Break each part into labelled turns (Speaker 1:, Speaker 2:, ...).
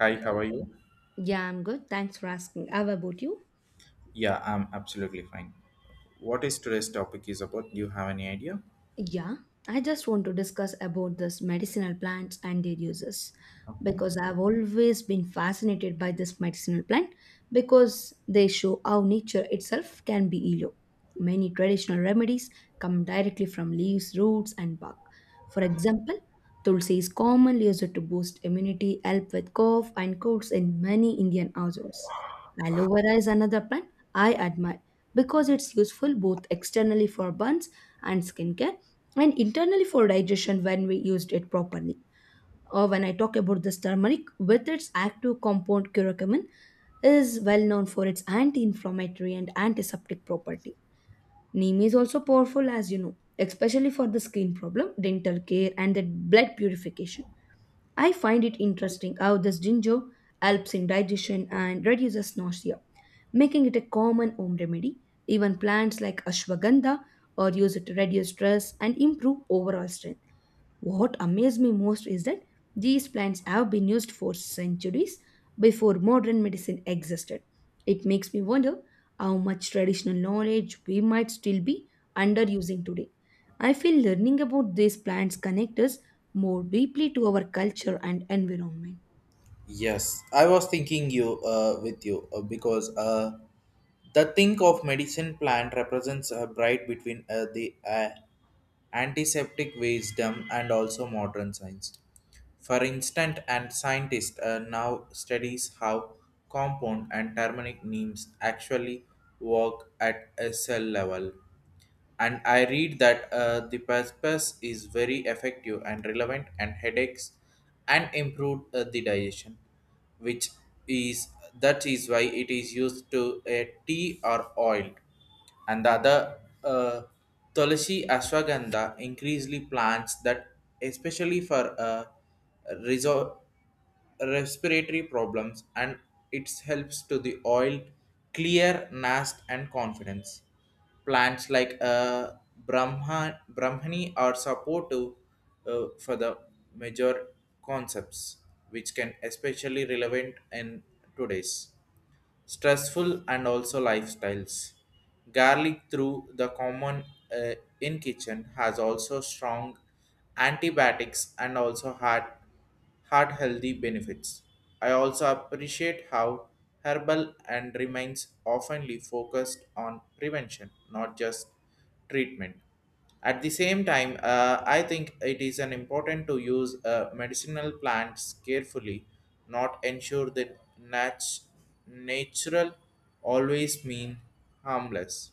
Speaker 1: Hi, how are you?
Speaker 2: Yeah, I'm good. Thanks for asking. How about you?
Speaker 1: Yeah, I'm absolutely fine. What is today's topic is about? Do you have any idea?
Speaker 2: Yeah, I just want to discuss about this medicinal plants and their uses
Speaker 1: Okay.
Speaker 2: because I've always been fascinated by this medicinal plant because they show how nature itself can be healer. Many traditional remedies come directly from leaves, roots, and bark. For example, tulsi is commonly used to boost immunity, help with cough and colds in many Indian households. Aloe vera is another plant I admire because it's useful both externally for burns and skincare and internally for digestion when we used it properly. Or when I talk about this turmeric with its active compound curcumin is well known for its anti-inflammatory and antiseptic property. Neem is also powerful as you know, especially for the skin problem, dental care and the blood purification. I find it interesting how this ginger helps in digestion and reduces nausea, making it a common home remedy. Even plants like ashwagandha are used to reduce stress and improve overall strength. What amazed me most is that these plants have been used for centuries before modern medicine existed. It makes me wonder how much traditional knowledge we might still be underusing today. I feel learning about these plants connect us more deeply to our culture and environment.
Speaker 1: Yes, I was thinking you with you because the think of medicine plant represents a bright between the antiseptic wisdom and also modern science. For instance, and scientists now studies how compound and turmeric neems actually work at a cell level, and I read that the purpose is very effective and relevant and headaches and improve the digestion, which is that is why it is used to a tea or oil, and the other tulsi ashwagandha increasingly plants that especially for resort respiratory problems, and it helps to the oil clear nast and confidence plants like brahmani are supportive for the major concepts which can especially relevant in today's stressful and also lifestyles. Garlic through the common uh, in kitchen has also strong antibiotics and also heart healthy benefits. I also appreciate how herbal and remains oftenly focused on prevention, not just treatment. At the same time, I think it is an important to use medicinal plants carefully, not ensure that natural always mean harmless.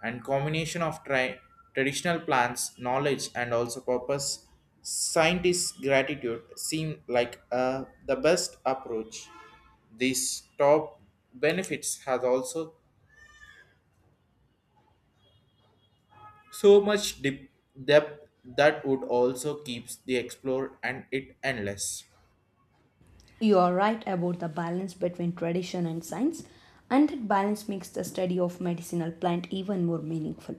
Speaker 1: And combination of traditional plants knowledge and also purpose scientists gratitude seem like the best approach. These top benefits has also so much deep depth that would also keeps the explore and it endless.
Speaker 2: You are right about the balance between tradition and science, and that balance makes the study of medicinal plant even more meaningful.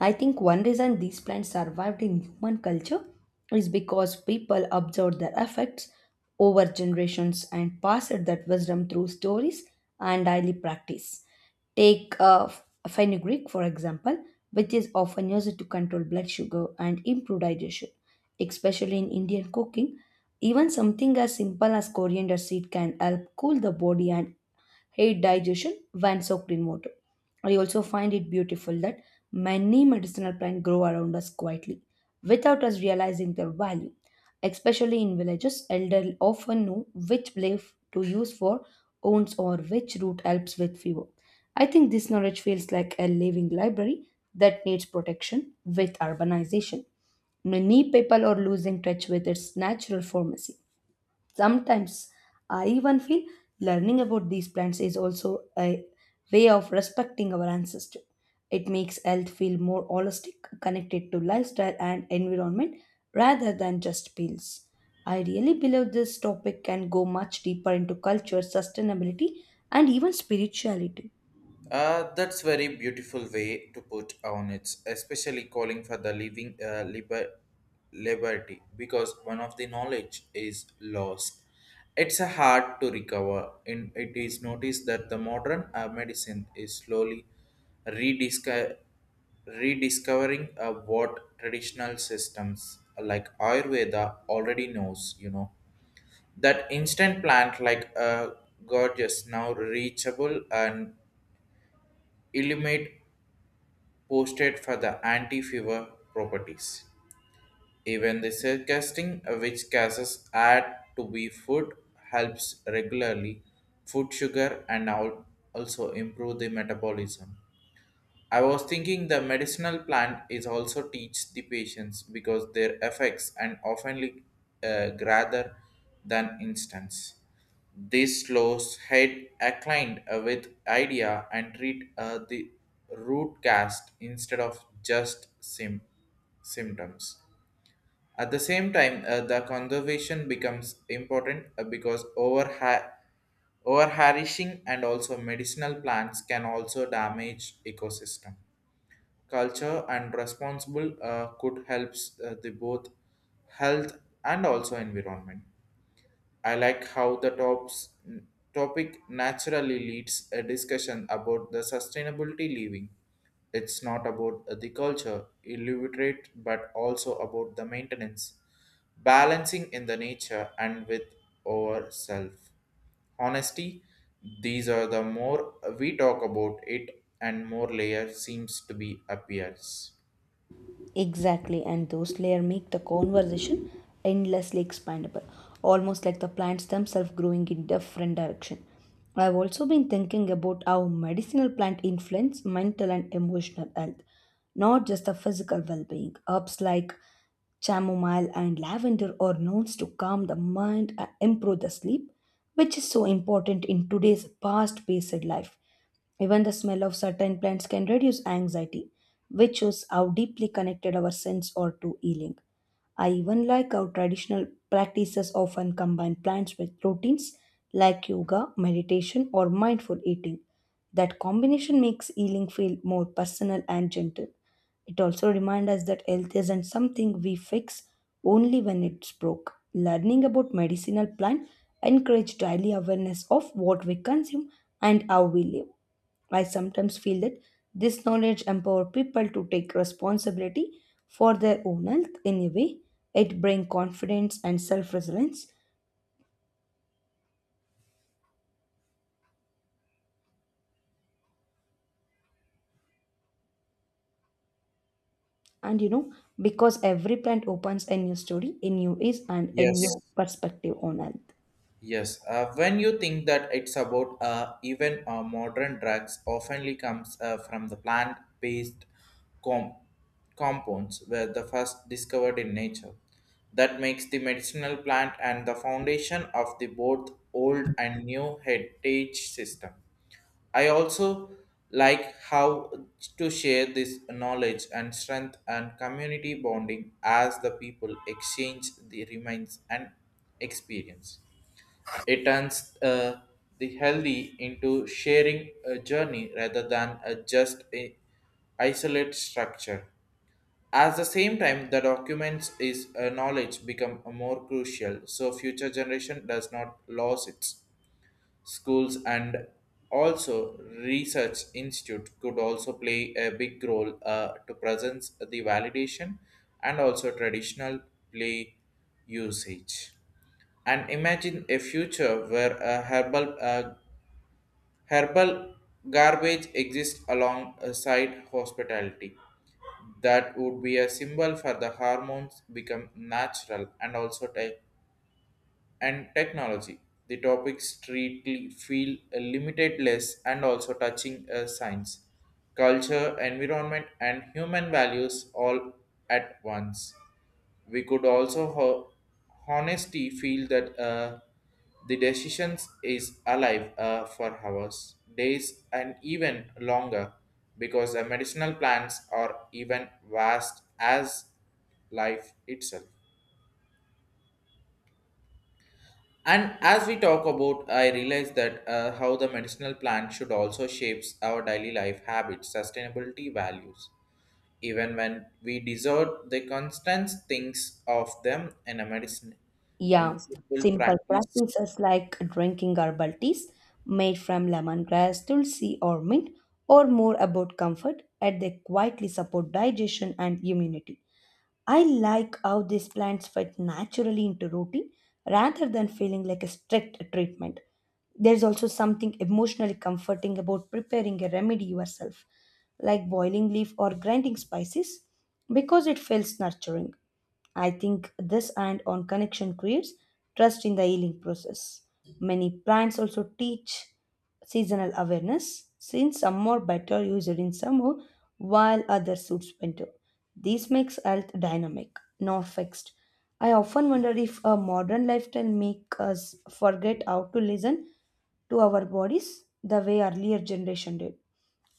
Speaker 2: I think one reason these plants survived in human culture is because people observed their effects over generations and passed that wisdom through stories and daily practice. Take fenugreek, for example, which is often used to control blood sugar and improve digestion, especially in Indian cooking. Even something as simple as coriander seed can help cool the body and aid digestion when soaked in water. I also find it beautiful that many medicinal plants grow around us quietly without us realizing their value. Especially in villages, elders often know which leaf to use for wounds or which root helps with fever. I think this knowledge feels like a living library that needs protection with urbanization. Many people are losing touch with its natural pharmacy. Sometimes I even feel learning about these plants is also a way of respecting our ancestors. It makes health feel more holistic, connected to lifestyle and environment rather than just pills. I really believe this topic can go much deeper into culture, sustainability, and even spirituality.
Speaker 1: That's very beautiful way to put on it, especially calling for the living liberty, because one of the knowledge is lost. It's a hard to recover, and it is noticed that the modern medicine is slowly redisco- rediscovering what traditional systems like Ayurveda already knows. That instant plant, like a gorgeous now reachable and illuminate posted for the anti-fever properties. Even the circasting, which gases add to be food, helps regularly food sugar and also improve the metabolism. I was thinking the medicinal plant is also teach the patients because their effects and often rather than instance. This slows head acclined with idea and treat the root cast instead of just symptoms. At the same time, the conservation becomes important because over harvesting and also medicinal plants can also damage ecosystem culture and responsible could help the both health and also environment. I like how the tops topic naturally leads a discussion about the sustainability living. It's not about the culture illiterate but also about the maintenance balancing in the nature and with our self honesty. These are the more we talk about it, and more layer seems to be appears.
Speaker 2: Exactly, and those layers make the conversation endlessly expandable, almost like the plants themselves growing in different direction. I've also been thinking about how medicinal plant influence mental and emotional health, not just the physical well-being. Herbs like chamomile and lavender are known to calm the mind and improve the sleep, which is so important in today's fast-paced life. Even the smell of certain plants can reduce anxiety, which shows how deeply connected our sense are to healing. I even like how traditional practices often combine plants with routines like yoga, meditation, or mindful eating. That combination makes healing feel more personal and gentle. It also reminds us that health isn't something we fix only when it's broke. Learning about medicinal plant encourage daily awareness of what we consume and how we live. I sometimes feel that this knowledge empowers people to take responsibility for their own health in a way. It brings confidence and self resilience. And you know, because every plant opens a new story, a new is, and a
Speaker 1: Yes,
Speaker 2: new perspective on health.
Speaker 1: yes. When you think that it's about even modern drugs, oftenly comes from the plant-based com- compounds were the first discovered in nature. That makes the medicinal plant and the foundation of the both old and new heritage system. I also like how to share this knowledge and strength and community bonding as the people exchange the remains and experience. It turns the healthy into sharing a journey rather than a just a isolate structure. At the same time, the documents is knowledge become more crucial, so future generation does not lose it. Schools and also research institute could also play a big role to present the validation and also traditional play usage, and imagine a future where a herbal herbal garbage exists alongside hospitality. That would be a symbol for the hormones become natural and also and technology. The topics treat feel limitless and also touching science, culture, environment, and human values all at once. We could also honesty feel that the decisions is alive for hours, days, and even longer because the medicinal plants are even vast as life itself. And as we talk about, I realize that how the medicinal plant should also shapes our daily life habits, sustainability values. Even when we deserve the constant things of them in a medicine, in
Speaker 2: Yeah,
Speaker 1: simple
Speaker 2: simple
Speaker 1: practice.
Speaker 2: practices like drinking herbal teas made from lemongrass, tulsi, or mint, or more about comfort, and they quietly support digestion and immunity. I like how these plants fit naturally into routine rather than feeling like a strict treatment. There's also something emotionally comforting about preparing a remedy yourself, like boiling leaf or grinding spices, because it feels nurturing. I think this and on connection creates trust in the healing process. Many plants also teach seasonal awareness since some are better used in summer while others suits winter. This makes health dynamic, not fixed. I often wonder if a modern lifestyle makes us forget how to listen to our bodies the way earlier generation did.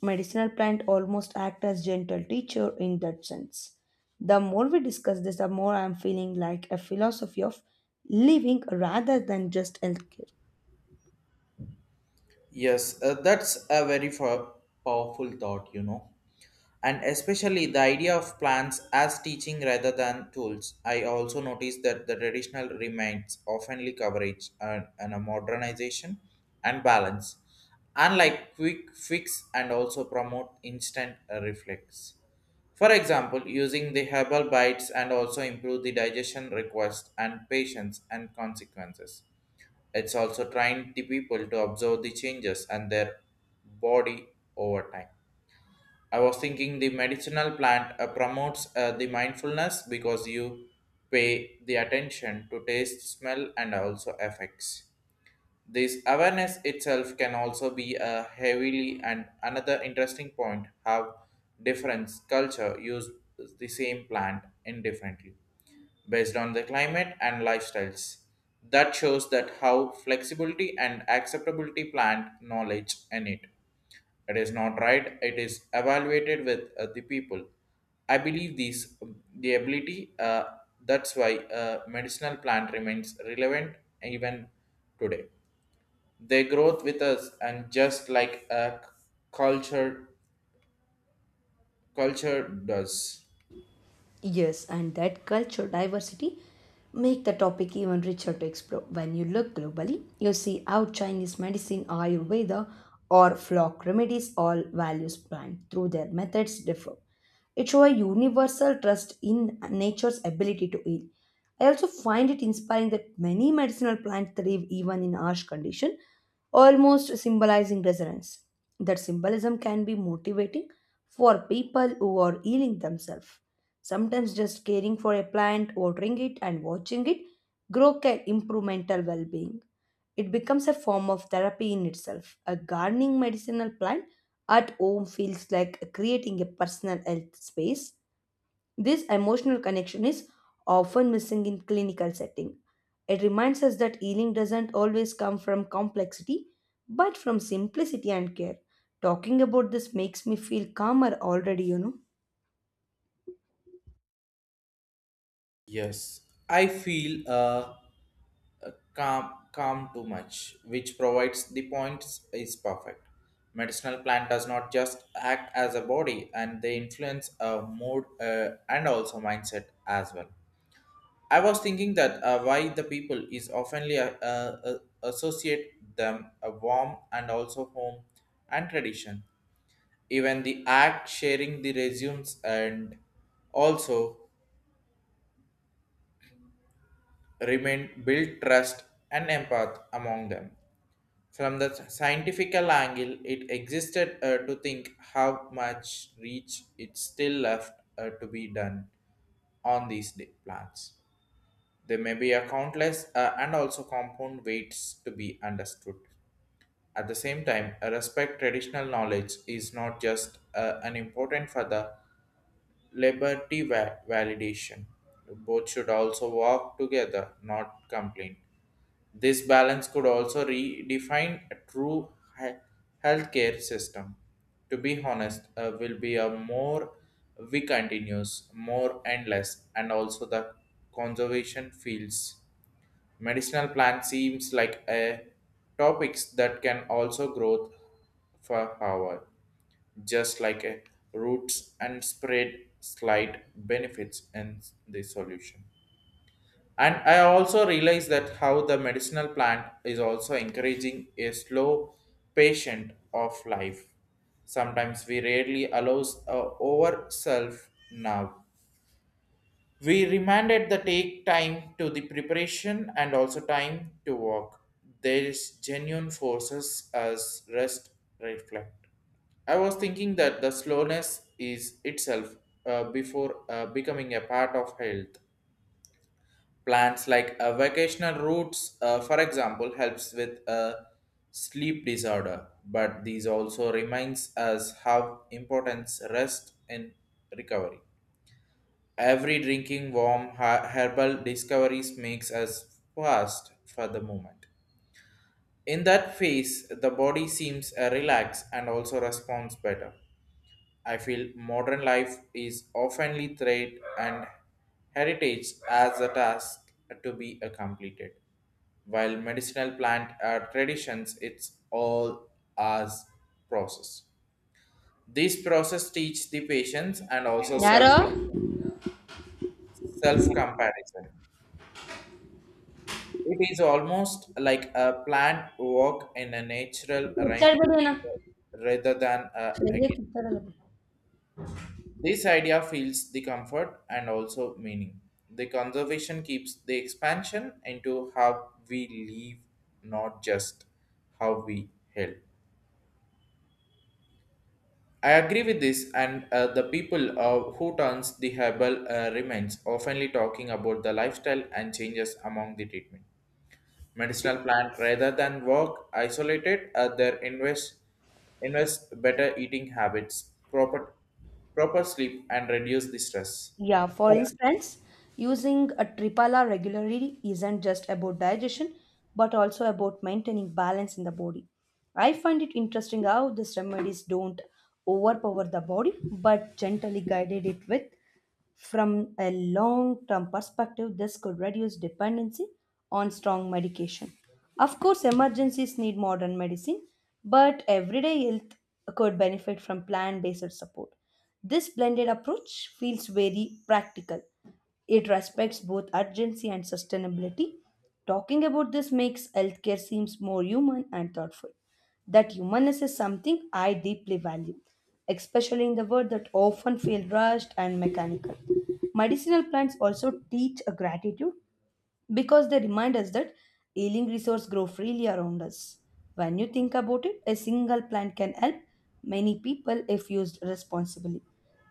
Speaker 2: Medicinal plant almost act as gentle teacher in that sense. The more we discuss this, the more I'm feeling like a philosophy of living rather than just healthcare.
Speaker 1: Yes, that's a very powerful thought. And especially the idea of plants as teaching rather than tools. I also noticed that the traditional remains oftenly coverage and a modernization and balance, unlike quick fix and also promote instant reflex. For example, using the herbal bites and also improve the digestion request and patience and consequences. It's also trying the people to observe the changes and their body over time. I was thinking the medicinal plant promotes the mindfulness because you pay the attention to taste, smell, and also effects. This awareness itself can also be a heavily and another interesting point how different culture use the same plant indifferently based on the climate and lifestyles. That shows that how flexibility and acceptability plant knowledge in it. It is not right, it is evaluated with the people. I believe these the ability that's why medicinal plant remains relevant even today. They grow with us, and just like a culture culture does.
Speaker 2: Yes, and that culture diversity make the topic even richer to explore. When you look globally, you see how Chinese medicine, Ayurveda, or flock remedies all values plant through their methods differ. It shows a universal trust in nature's ability to heal. I also find it inspiring that many medicinal plants thrive even in harsh condition, almost symbolizing resilience. That symbolism can be motivating for people who are healing themselves. Sometimes just caring for a plant, watering it, and watching it grow can improve mental well being. It becomes a form of therapy in itself. A gardening medicinal plant at home feels like creating a personal health space. This emotional connection is often missing in clinical setting. It reminds us that healing doesn't always come from complexity, but from simplicity and care. Talking about this makes me feel calmer already, you know.
Speaker 1: Yes, I feel calm too much, which provides the points is perfect. Medicinal plant does not just act as a body, and they influence a mood and also mindset as well. I was thinking that why the people is oftenly associate them a warm and also home and tradition, even the act sharing the resumes and also remain build trust and empath among them. From the scientific angle it existed to think how much reach it still left to be done on these day- plans. There may be a countless and also compound weights to be understood. At the same time a respect traditional knowledge is not just an important for the liberty validation. Both should also walk together, not complain. This balance could also redefine a true he- healthcare system. To be honest, will be a more we continues, more endless, and also the conservation fields. Medicinal plant seems like a topics that can also growth for Howard, just like a roots and spread slight benefits in the solution. And I also realize that how the medicinal plant is also encouraging a slow patient of life. Sometimes we rarely allows a over self. Now we remanded the take time to the preparation and also time to walk. There is genuine forces as rest reflect. I was thinking that the slowness is itself before becoming a part of health. Plans like vacational routes, for example, helps with a sleep disorder, but these also reminds us how important rest in recovery. Every drinking warm herbal discoveries makes us fast for the moment. In that phase, the body seems relaxed and also responds better. I feel modern life is oftenly threat and heritage as a task to be completed, while medicinal plant traditions it's all as process. This process teach the patients and also self
Speaker 2: ಯಾರೋ
Speaker 1: self comparison. It is almost like a planned walk in a natural rhyming
Speaker 2: ಇಚ್ಚಾಡ್ಬೇಡಿ ಅಣ್ಣ.
Speaker 1: rather than a again. This idea feels the comfort and also meaning. The conservation keeps the expansion into how we live, not just how we help. I agree with this, and the people who turns the herbal remains oftenly talking about the lifestyle and changes among the treatment. Medicinal plant rather than work isolated their invest better eating habits, proper sleep, and reduce the stress.
Speaker 2: Yeah, for
Speaker 1: Well,
Speaker 2: instance, using a Tripala regularly isn't just about digestion, but also about maintaining balance in the body. I find it interesting how these remedies don't overpower the body, but gently guided it with. From a long term perspective, this could reduce dependency on strong medication. Of course, emergencies need modern medicine, but everyday health could benefit from plant based support. This blended approach feels very practical. It respects both urgency and sustainability. Talking about this makes healthcare seems more human and thoughtful. That humanness is something I deeply value, especially in the world that often feel rushed and mechanical. Medicinal plants also teach a gratitude because they remind us that healing resources grow freely around us. When you think about it, a single plant can help many people if used responsibly.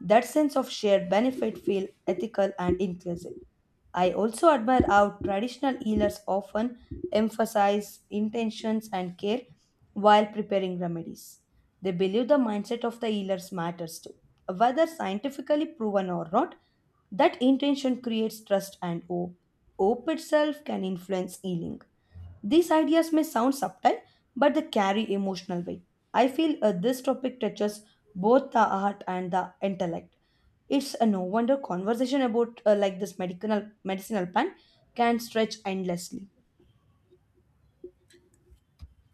Speaker 2: That sense of shared benefit feels ethical and inclusive. I also admire how traditional healers often emphasize intentions and care while preparing remedies. They believe the mindset of the healers matters too. Whether scientifically proven or not, that intention creates trust and hope. Hope itself can influence healing. These ideas may sound subtle, but they carry emotional weight. I feel this topic touches both the heart and the intellect. It's a no wonder conversation about like this medicinal plant can stretch endlessly.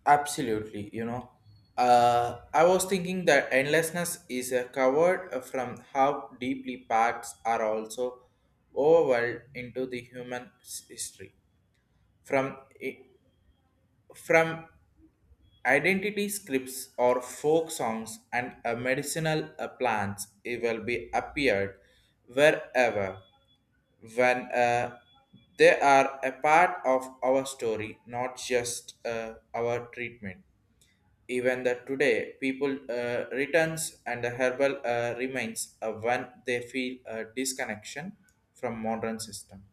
Speaker 1: absolutely, I was thinking that endlessness is covered from how deeply parts are also overwhelmed into the human history, from i- from Identity scripts or folk songs, and medicinal plants it will be appeared wherever when they are a part of our story, not just our treatment. Even the today, people returns and the herbal remains when they feel a disconnection from modern system.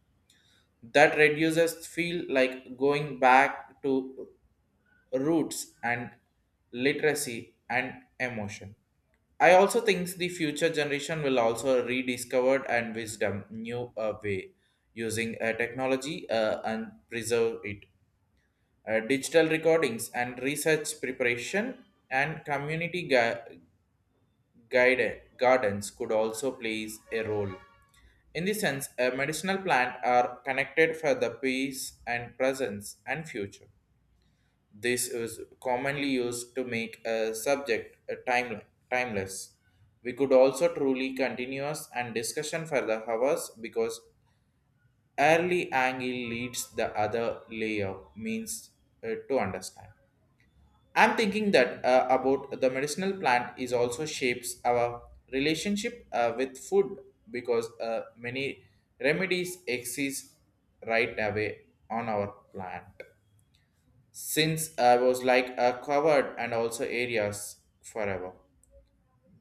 Speaker 1: That reduces feel like going back to roots and literacy and emotion. I also think the future generation will also rediscover and wisdom new way using technology and preserve it. Digital recordings and research preparation and community guide gardens could also plays a role. In this sense, a medicinal plant are connected for the peace and presence and future. This is commonly used to make a subject timeless. We could also truly continuous and discussion for the hours because early angle leads the other layer means to understand. I'm thinking that about the medicinal plant is also shapes our relationship with food because many remedies exist right away on our plant since I was like a covered and also areas forever.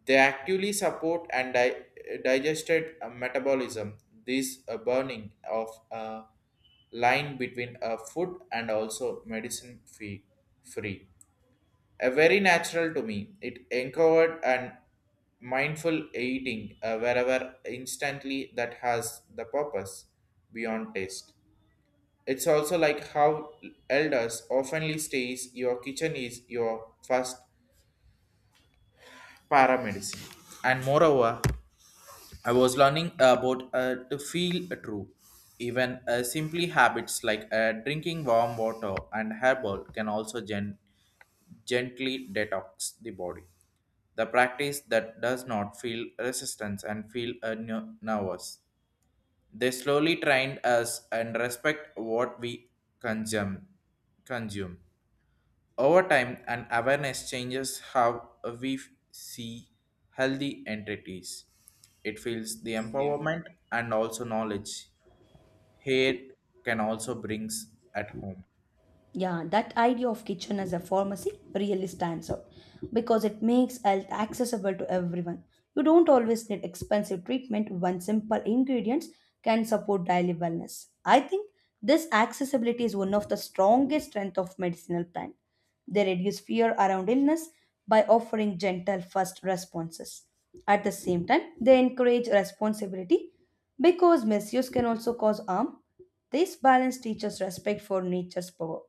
Speaker 1: They actively support and digested metabolism. This burning of a line between a food and also medicine fee free. A very natural to me. It encouraged and mindful eating wherever instantly that has the purpose beyond taste. It's also like how elders oftenly stays your kitchen is your first paramedicine. And moreover, I was learning about to feel true. Even simply habits like drinking warm water and herbal can also gently detox the body. The practice that does not feel resistance and feel nervous. They slowly trained us and respect what we consume. consume. Over time and awareness changes how we see healthy entities. It feels the empowerment and also knowledge. Hate can also brings at home.
Speaker 2: Yeah, that idea of kitchen as a pharmacy really stands out because it makes health accessible to everyone. You don't always need expensive treatment when simple ingredients can support daily wellness. I think this accessibility is one of the strongest strengths of medicinal plant. They reduce fear around illness by offering gentle first responses. At the same time, they encourage responsibility because misuse can also cause harm. This balance teaches respect for nature's power.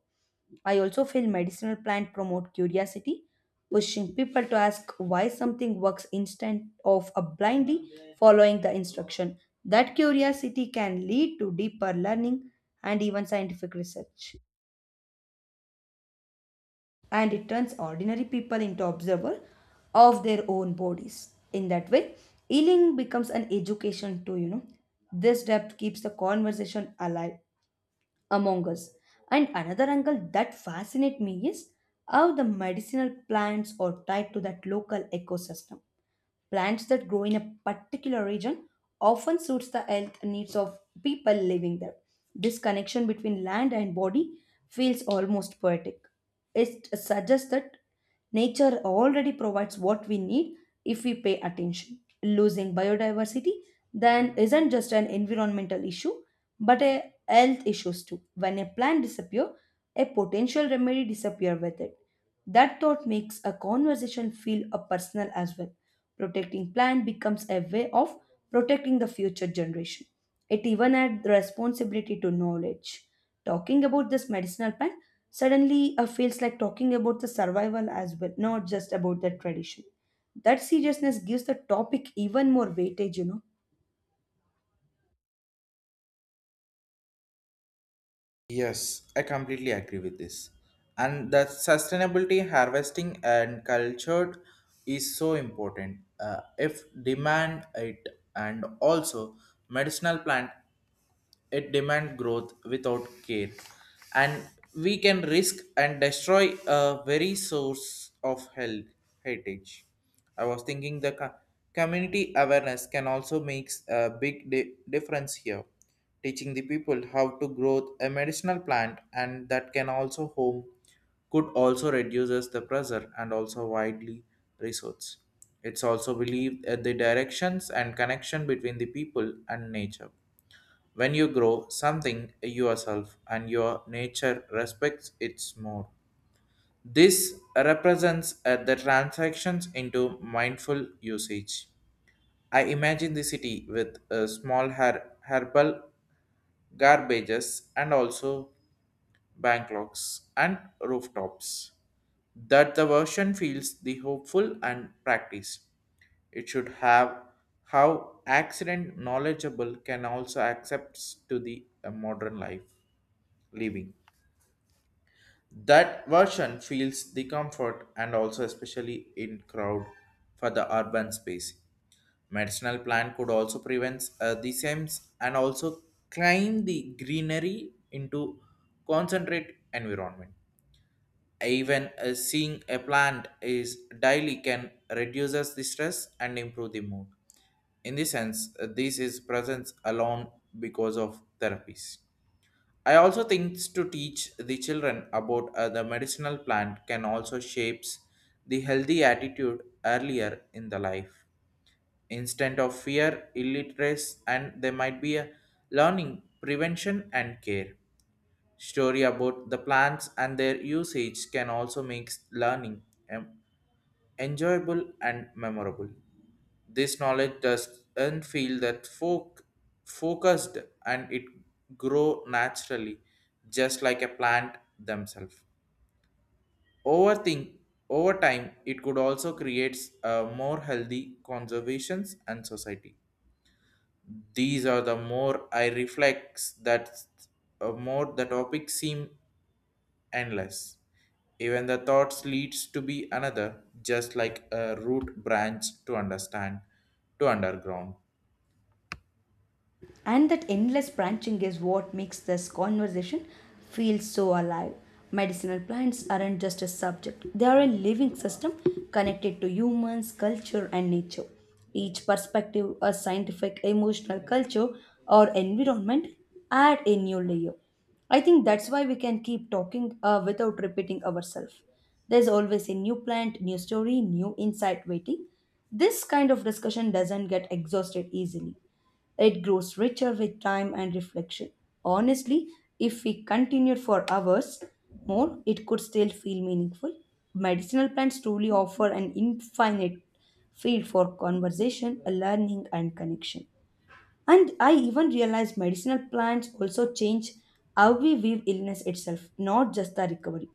Speaker 2: I also feel medicinal plant promote curiosity, pushing people to ask why something works instead of a blindly following the instruction. That curiosity can lead to deeper learning and even scientific research. And it turns ordinary people into observers of their own bodies. In that way, healing becomes an education too, you know. This depth keeps the conversation alive among us. And another angle that fascinates me is how the medicinal plants are tied to that local ecosystem. Plants that grow in a particular region often suits the health needs of people living there. This connection between land and body feels almost poetic. It suggests that nature already provides what we need if we pay attention. Losing biodiversity then isn't just an environmental issue but a health issues too. When a plant disappear, a potential remedy disappear with it. That thought makes a conversation feel a personal as well. Protecting plant becomes a way of protecting the future generation. It even adds the responsibility to knowledge. Talking about this medicinal plant suddenly feels like talking about the survival as well, not just about the tradition. That seriousness gives the topic even more weightage, you know.
Speaker 1: Yes, I completely agree with this. And the sustainability harvesting and cultured is so important. If demand it and also medicinal plant it demand growth without care and we can risk and destroy a very source of health heritage. I was thinking the community awareness can also makes a big difference here, teaching the people how to grow a medicinal plant and that can also home, could also reduces the pressure and also widely resource. It's also believed at the directions and connection between the people and nature when you grow something yourself and your nature respects it more. This represents the transactions into mindful usage. I imagine the city with small herbal garbages and also bank locks and rooftops. That the version feels the hopeful and practice. It should have how accident knowledgeable can also accepts to the modern life. Living. That version feels the comfort and also especially in crowd for the urban space. Medicinal plant could also prevent the sems and also climb the greenery into concentrate environment. Even seeing a plant is daily can reduces the stress and improve the mood. In this sense, this is presence alone because of therapies. I also think to teach the children about the medicinal plant can also shapes the healthy attitude earlier in the life. Instead of fear, illiteracy, and there might be a learning, prevention, and care. Story about the plants and their usage can also make learning um, enjoyable and memorable. This knowledge doesn't feel that focused and it grow naturally, just like a plant themselves. Overthink Over time, it could also creates a more healthy conservations and society. These are the more I reflects that more the topic seem endless. Even the thoughts leads to be another, just like a root branch to understand to underground.
Speaker 2: And that endless branching is what makes this conversation feel so alive. Medicinal plants aren't just a subject, they are a living system connected to humans, culture, and nature. Each perspective, a scientific, emotional, culture, or environment, add a new layer. I think that's why we can keep talking without repeating ourselves. There's always a new plant, new story, new insight waiting. This kind of discussion doesn't get exhausted easily. It grows richer with time and reflection. Honestly, if we continued for hours more, it could still feel meaningful. Medicinal plants truly offer an infinite field for conversation, learning, and connection. And I even realized medicinal plants also change how we view illness itself, not just the recovery.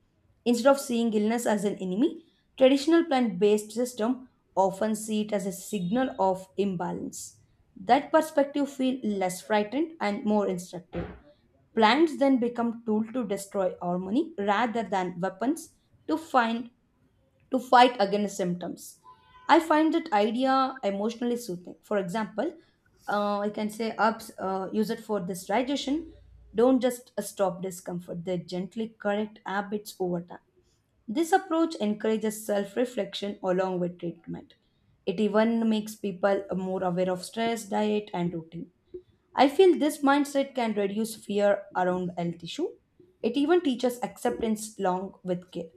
Speaker 2: Instead of seeing illness as an enemy, traditional plant-based system often see it as a signal of imbalance. That perspective feel less frightened and more instructive. Plants then become tool to destroy harmony rather than weapons to find to fight against symptoms. I find that idea emotionally soothing. For example, I can say apps use it for this digestion. Don't just stop discomfort; they gently correct habits over time. This approach encourages self reflection along with treatment. It even makes people more aware of stress, diet, and routine. I feel this mindset can reduce fear around health issue. It even teaches acceptance along with care.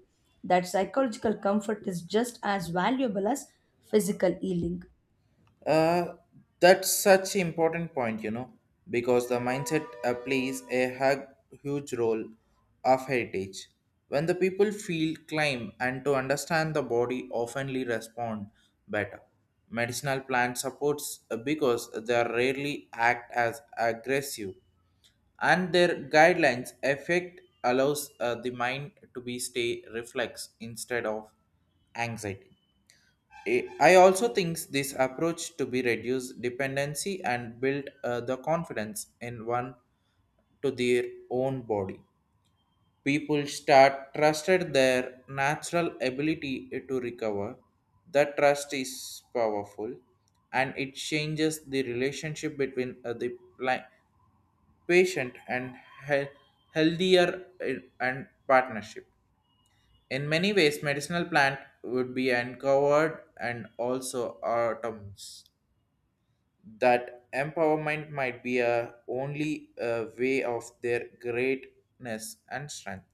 Speaker 2: That psychological comfort is just as valuable as physical healing.
Speaker 1: Uh, that's such important point, you know, because the mindset plays a huge role of heritage. When the people feel climb and to understand the body oftenly respond better. Medicinal plant supports because they are rarely act as aggressive and their guidelines effect allows the mind to be stay reflex instead of anxiety. I also think this approach to be reduce dependency and build the confidence in one to their own body. People start trusted their natural ability to recover. That trust is powerful, and it changes the relationship between the pli- patient and he- healthier and partnership. In many ways, medicinal plant would be uncovered and also atoms. That empowerment might be a only a way of their greatness and strength.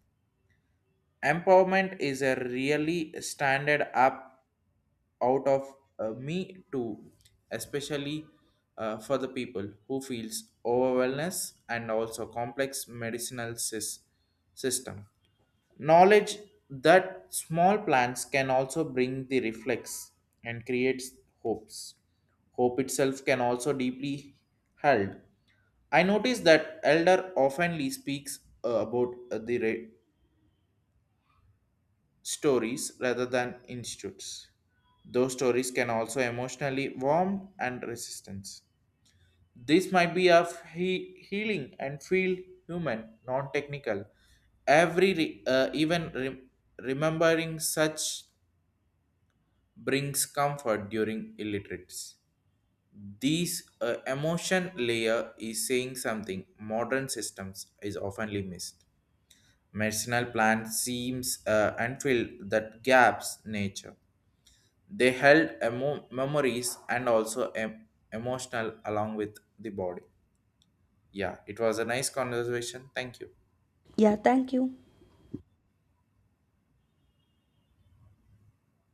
Speaker 1: Empowerment is a really standard up out of me too, especially for the people who feels overwhelmed and also complex medicinal system. Knowledge that small plants can also bring the reflex and creates hopes. Hope itself can also deeply held. I notice that elder oftenly speaks about the stories rather than institutes. Those stories can also emotionally warm and resistance. This might be of healing and feel human, non-technical. Every re- even rem- Remembering such brings comfort during illiterates. These emotion layer is saying something modern systems is oftenly missed. Medicinal plants seems and fill that gaps nature. They held memories and also emotional along with the body. Yeah, it was a nice conversation. Thank you.
Speaker 2: Yeah, thank you.